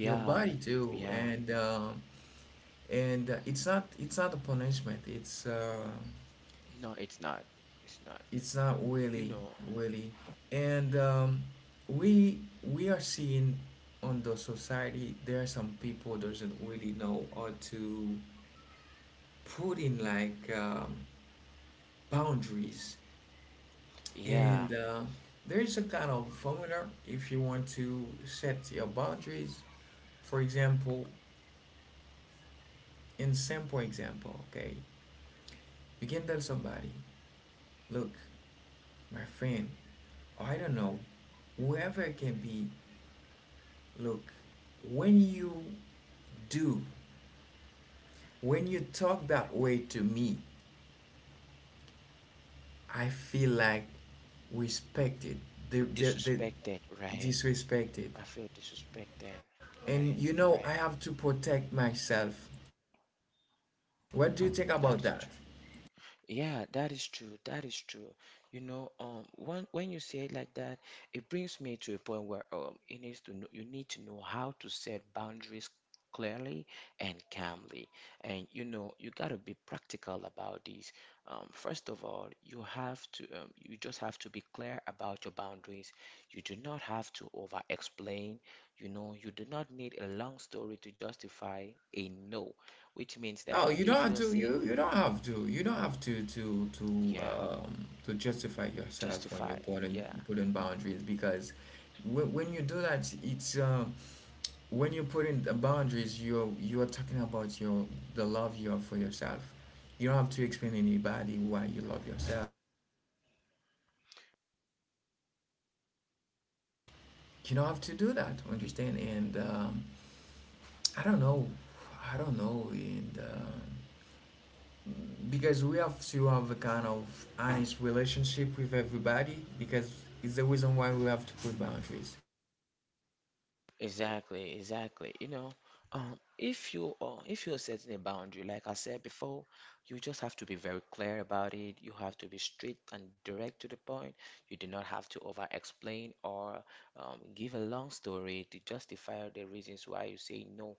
S1: your body too.
S2: Yeah.
S1: And and it's not a punishment.
S2: No, it's not. It's not.
S1: It's not
S2: You
S1: really
S2: know,
S1: really, And We are seeing on the society there are some people doesn't really know how to put in like boundaries,
S2: yeah,
S1: and there's a kind of formula if you want to set your boundaries. For example, in simple example, okay, you can tell somebody, "Look, my friend, I don't know, whoever it can be, look, when you do when you talk that way to me, I feel like respected, the
S2: disrespected, right? I
S1: disrespected,
S2: feel disrespected, right?
S1: and you
S2: Right.
S1: know I have to protect myself. What do you think
S2: That is
S1: about
S2: true.
S1: that?"
S2: Yeah, that is true. That is true. You know, when you say it like that, it brings me to a point where, it needs to know, you need to know how to set boundaries clearly and calmly. And you know, you gotta be practical about this. First of all, you have to you just have to be clear about your boundaries. You do not have to over explain. You know, you do not need a long story to justify a no, which means that
S1: No, you don't
S2: if
S1: have
S2: you're
S1: to.
S2: saying,
S1: You don't have to. You don't have to
S2: yeah.
S1: to justify yourself when you
S2: Justify.
S1: put in
S2: Yeah.
S1: put in boundaries, because when you do that, it's when you put in the boundaries, you're talking about your the love you have for yourself. You don't have to explain to anybody why you love yourself. You don't have to do that. Understand? And I don't know. I don't know. And. Because we have to have a kind of honest relationship with everybody, because it's the reason why we have to put boundaries.
S2: Exactly, exactly. You know, if you if you're setting a boundary, like I said before, you just have to be very clear about it. You have to be straight and direct to the point. You do not have to over explain or give a long story to justify the reasons why you say no.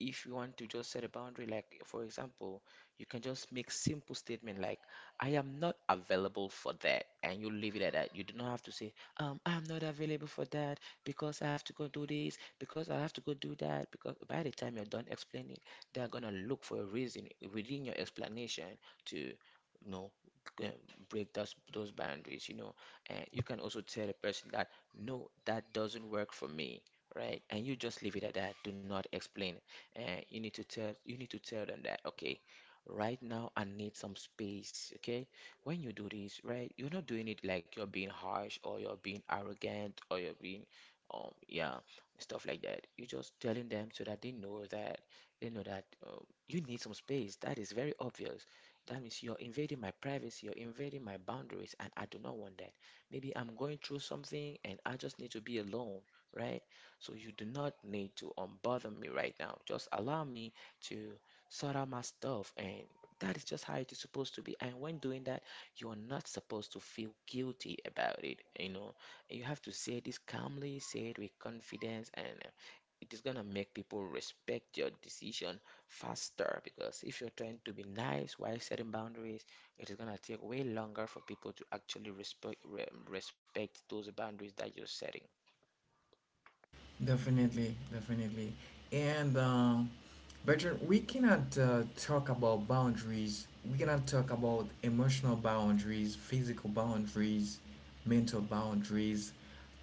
S2: If you want to just set a boundary, like for example, you can just make simple statement like, "I am not available for that," and you leave it at that. You do not have to say, "I'm not available for that," because I have to go do this, because I have to go do that. Because by the time you're done explaining, they're gonna look for a reason within your explanation to, you know, g- um, break those boundaries. You know, and you can also tell the person that no, that doesn't work for me, right? And you just leave it at that. Do not explain. And you need to tell them that okay. Right now, I need some space. Okay, when you do this, right, you're not doing it like you're being harsh or you're being arrogant or you're being, um, yeah, stuff like that. You're just telling them so that they know that they know that uh, you need some space. That is very obvious. That means you're invading my privacy, you're invading my boundaries, and I do not want that. Maybe I'm going through something and I just need to be alone, right? So you do not need to unbother me right now. Just allow me to sort out my stuff, and that is just how it is supposed to be. And when doing that, you're not supposed to feel guilty about it. You know, you have to say this calmly, say it with confidence, and it is gonna make people respect your decision faster because if you're trying to be nice while setting boundaries, it is gonna take way longer for people to actually respect respect those boundaries that you're setting.
S1: Definitely, definitely. And Bertrand, we cannot talk about boundaries, we cannot talk about emotional boundaries, physical boundaries, mental boundaries,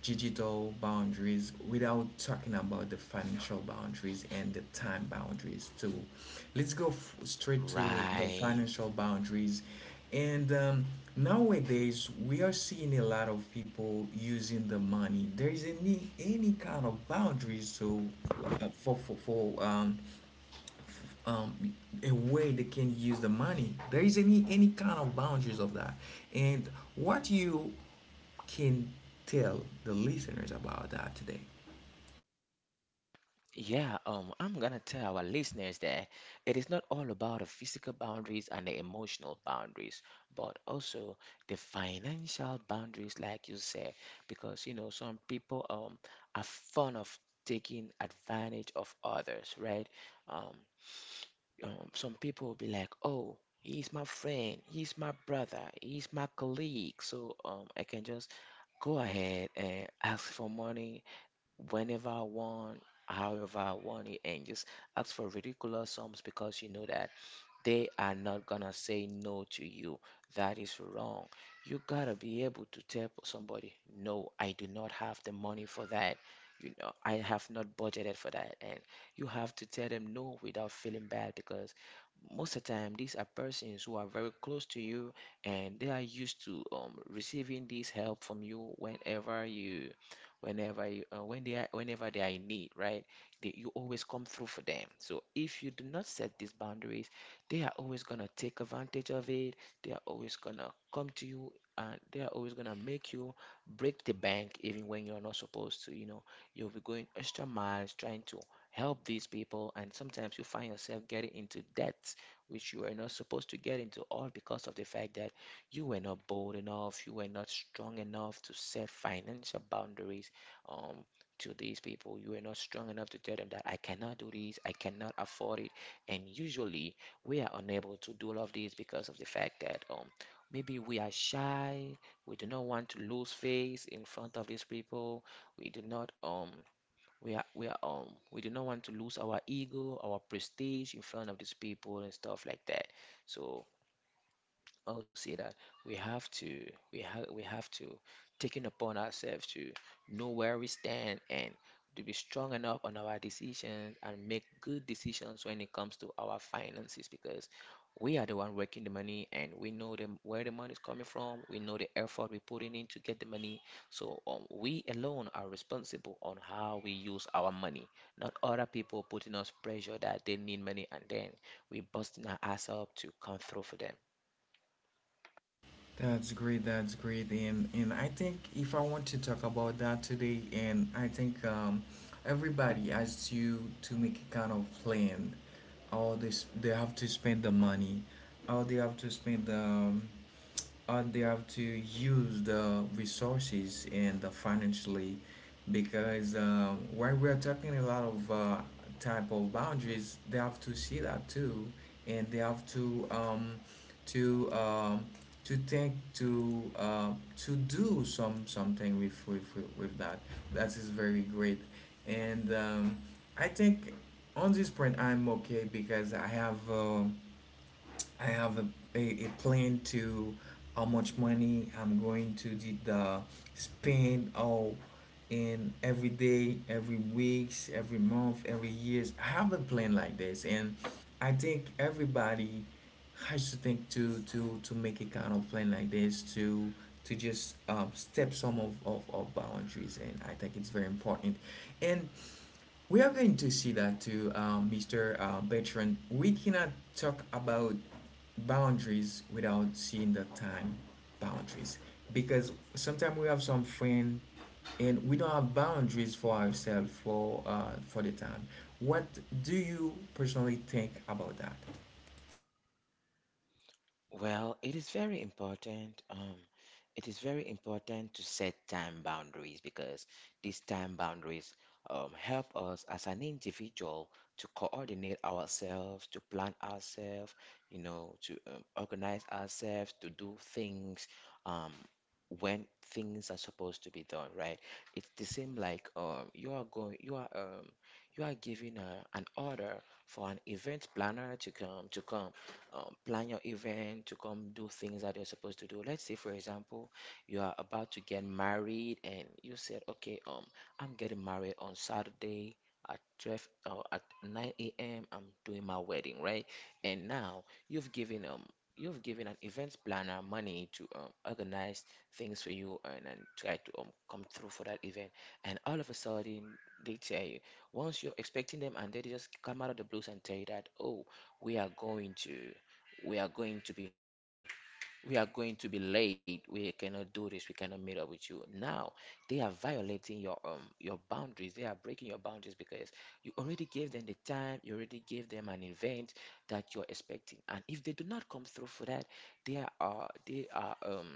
S1: digital boundaries, without talking about the financial boundaries and the time boundaries too. Let's go straight to the
S2: Right.
S1: financial boundaries. And nowadays, we are seeing a lot of people using the money. There is any kind of boundaries to for um, a way they can use the money. There is any kind of boundaries of that. And what you can tell the listeners about that today?
S2: Yeah, I'm gonna tell our listeners that it is not all about the physical boundaries and the emotional boundaries, but also the financial boundaries, like you said, because you know some people are fond of taking advantage of others, right? Um, some people will be like, oh. He's my friend, he's my brother, he's my colleague, so I can just go ahead and ask for money whenever I want, however I want it, and just ask for ridiculous sums because you know that they are not gonna say no to you. That is wrong. You gotta be able to tell somebody, no, I do not have the money for that. You know, I have not budgeted for that. And you have to tell them no without feeling bad because most of the time these are persons who are very close to you and they are used to receiving this help from you whenever you whenever you when they are whenever they are in need, right? They, you always come through for them, so if you do not set these boundaries, they are always going to take advantage of it. They are always going to come to you and they are always going to make you break the bank even when you're not supposed to. You know, you'll be going extra miles trying to help these people, and sometimes you find yourself getting into debt which you were not supposed to get into, all because of the fact that you were not bold enough, you were not strong enough to set financial boundaries. Um, to these people, you were not strong enough to tell them that I cannot do this, I cannot afford it, and usually we are unable to do all of these because of the fact that maybe we are shy, we do not want to lose face in front of these people, we do not we are we are um we do not want to lose our ego, our prestige in front of these people and stuff like that. So I'll say that we have to we have to taking upon ourselves to know where we stand and to be strong enough on our decisions and make good decisions when it comes to our finances because we are the one working the money, and we know where the money is coming from, we know the effort we're putting in to get the money, so we alone are responsible on how we use our money, not other people putting us pressure that they need money and then we busting our ass up to come through for them.
S1: That's great. That's great. And I think, if I want to talk about that today, and I think everybody has to make a kind of plan. How they they have to spend the money, how they have to spend the how they have to use the resources and the financially, because while we are talking a lot of type of boundaries, they have to see that too, and they have to um, to take to do some something with that. That is very great. And I think, on this point, I'm okay, because I have a plan to how much money I'm going to did the spend all in every day, every weeks, every month, every years. I have a plan like this, and I think everybody has to think to make a kind of plan like this to just step some of boundaries, and I think it's very important. And we are going to see that too, Mr. Bertrand. We cannot talk about boundaries without seeing the time boundaries, because sometimes we have some friend and we don't have boundaries for ourselves for the time. What do you personally think about that?
S2: Well, it is very important. It is very important to set time boundaries because these time boundaries help us as an individual to coordinate ourselves, to plan ourselves, you know, to organize ourselves, to do things um, when things are supposed to be done, right? It's the same like you are going, you are giving a, an order for an event planner to come plan your event to come do things that you're supposed to do. Let's say, for example, you are about to get married and you said, okay, I'm getting married on Saturday at 12 or at 9 a.m. I'm doing my wedding, right? And now you've given an event planner money to organize things for you, and try to come through for that event. And all of a sudden they tell you once you're expecting them and they just come out of the blues and tell you that, oh, we are going to we are going to be we are going to be late, we cannot do this, we cannot meet up with you now. They are violating your boundaries, they are breaking your boundaries because you already gave them the time, you already gave them an event that you're expecting, and if they do not come through for that, they are they are um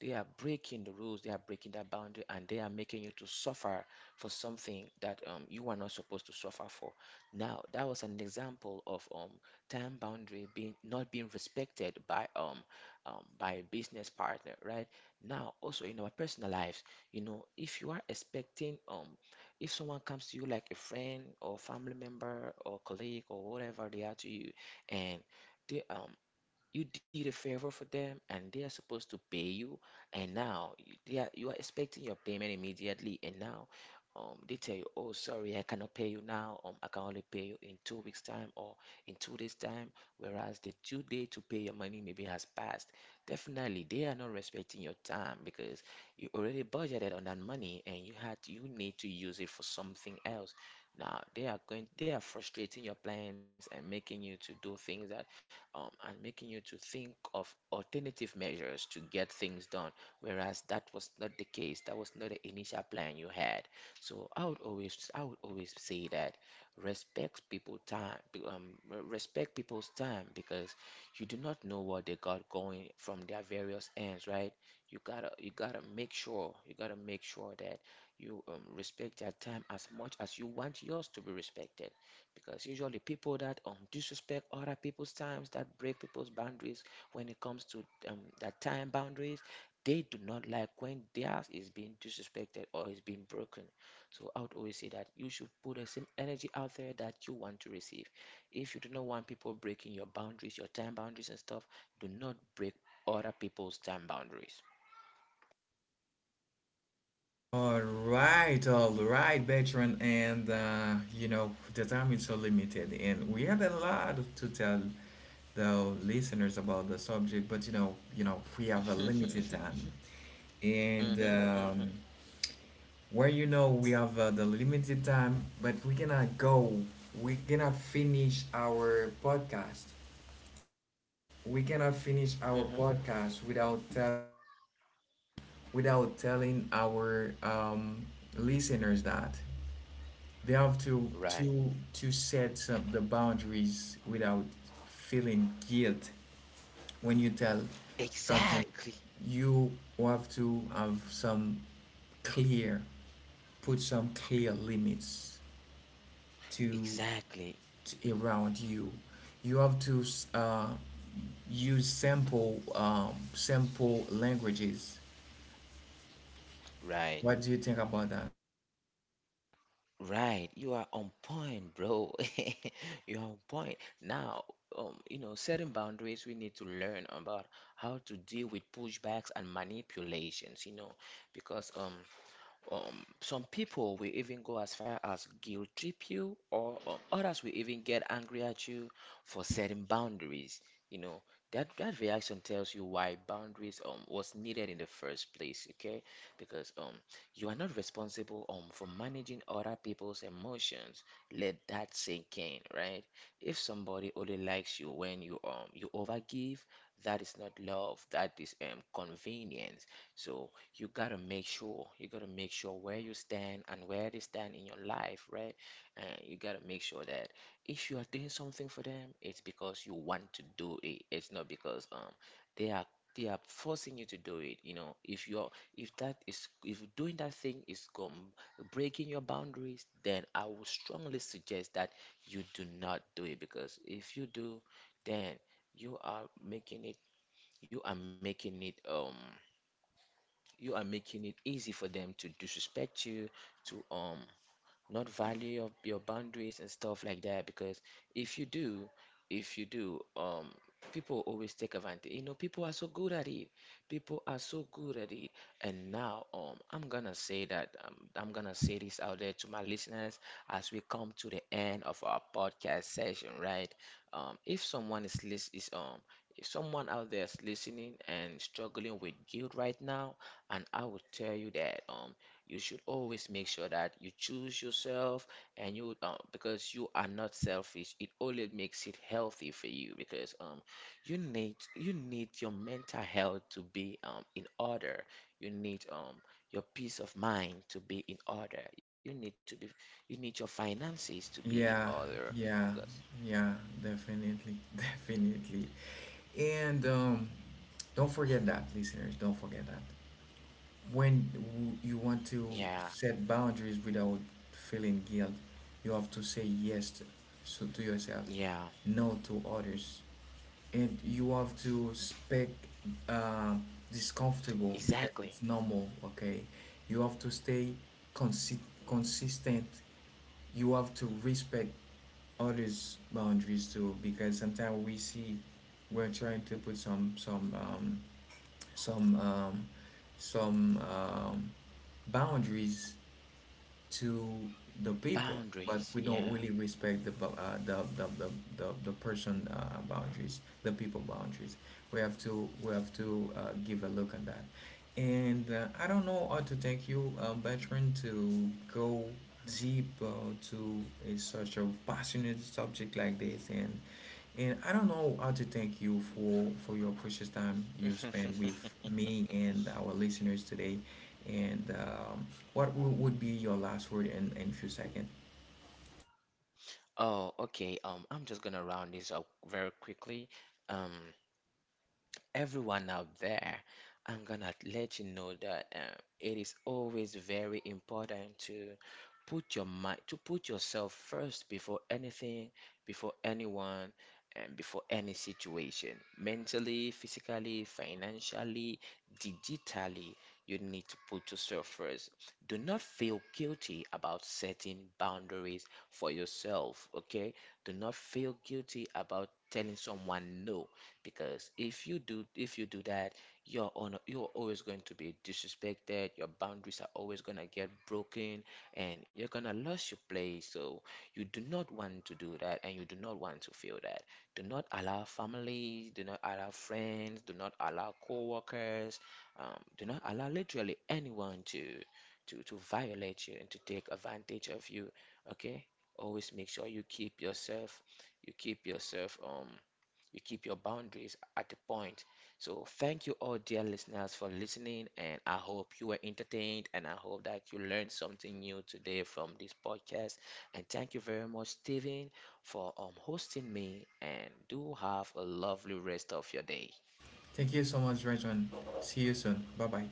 S2: they are breaking the rules, they are breaking that boundary, and they are making you to suffer for something that you are not supposed to suffer for. Now, that was an example of time boundary being not being respected by a business partner, right? Now, also in our personal lives, you know, if you are expecting if someone comes to you like a friend or family member or colleague or whatever they are to you, and they you did a favor for them and they are supposed to pay you, and now you are expecting your payment immediately, and now they tell you oh sorry I cannot pay you now, I can only pay you in 2 weeks time or in 2 days time, whereas the due date to pay your money maybe has passed. Definitely they are not respecting your time because you already budgeted on that money and you had you need to use it for something else. Now they are going they are frustrating your plans and making you to do things that and making you to think of alternative measures to get things done, whereas that was not the case. That was not the initial plan you had. So I would always say that respect people time, um, respect people's time because you do not know what they got going from their various ends, right? You gotta make sure, you gotta make sure that you respect their time as much as you want yours to be respected, because usually people that disrespect other people's times, that break people's boundaries when it comes to that time boundaries, they do not like when theirs is being disrespected or is being broken. So I would always say that you should put the same energy out there that you want to receive. If you do not want people breaking your boundaries, your time boundaries and stuff, do not break other people's time boundaries.
S1: All right, veteran, and you know, the time is so limited, and we had a lot to tell the listeners about the subject, but you know, we have a limited time,
S2: hmm
S1: and
S2: hmm
S1: where you know we have the limited time, but we cannot go, we cannot finish our podcast. We cannot finish our
S2: hmm
S1: podcast without tell, without telling our listeners that they have
S2: Right.
S1: to set up the boundaries without feeling guilt when you tell something.
S2: Exactly.
S1: You have to have some clear, put some clear limits to,
S2: Exactly.
S1: to around you. You have to uh, use simple simple languages.
S2: Right.
S1: What do you think about that?
S2: Right, you are on point, bro. You're on point. Now, you know, setting boundaries, we need to learn about how to deal with pushbacks and manipulations, you know, because some people will even go as far as guilt trip you, or others will even get angry at you for setting boundaries. You know, that reaction tells you why boundaries was needed in the first place, okay? Because you are not responsible for managing other people's emotions. Let that sink in, right? If somebody only likes you when you overgive, that is not love, that is convenience. So you gotta make sure where you stand and where they stand in your life, right? And you gotta make sure that if you are doing something for them, it's because you want to do it, it's not because they are they are forcing you to do it. You know, if that is, if doing that thing is breaking your boundaries, then I would strongly suggest that you do not do it, because if you do, then you are making it you are making it um you are making it easy for them to disrespect you, to not value your boundaries and stuff like that, because if you do if you do people always take advantage. You know, people are so good at it. And now I'm gonna say that I'm gonna say this out there to my listeners as we come to the end of our podcast session, right? If someone is lis- is if someone out there is listening and struggling with guilt right now, and I will tell you that you should always make sure that you choose yourself, and you because you are not selfish, it only makes it healthy for you, because you need your mental health to be in order, you need your peace of mind to be in order, you need to be you need your finances to be in
S1: Yeah,
S2: order
S1: yeah,
S2: because
S1: yeah, definitely, definitely. And don't forget that, listeners, don't forget that. When you
S2: yeah
S1: want to set boundaries without feeling guilt, you have to say yes to, so to
S2: yeah
S1: yourself, no to others. And you have to speak uh, discomfortable,
S2: exactly
S1: because it's normal, okay? You have to stay consi- consistent. You have to respect others' boundaries too, because sometimes we see we're trying to put some some um, some boundaries to the people,
S2: boundaries
S1: but we
S2: yeah
S1: don't really respect the the person boundaries, the people boundaries. We have to give a look at that. And I don't know how to thank you, veteran, to go deep to such a passionate subject like this, and I don't know how to thank you for your precious time you spent with me and our listeners today, and what would be your last word in a few seconds.
S2: Oh, okay. I'm just gonna round this up very quickly. Um, everyone out there, I'm gonna let you know that it is always very important to put yourself first before anything, before anyone, and before any situation. Mentally, physically, financially, digitally, you need to put yourself first. Do not feel guilty about setting boundaries for yourself, okay? Do not feel guilty about telling someone no, because if you do that, you're always going to be disrespected, your boundaries are always going to get broken, and you're going to lose your place. So you do not want to do that, and you do not want to feel that. Do not allow families, do not allow friends, do not allow co-workers, do not allow literally anyone to violate you and to take advantage of you, okay? Always make sure you keep yourself, you keep yourself um you keep your boundaries at the point. So, thank you all, dear listeners, for listening. And I hope you were entertained and I hope that you learned something new today from this podcast. And thank you very much, Steven, for hosting me. And do have a lovely rest of your day.
S1: Thank you so much, Rajan. See you soon. Bye bye.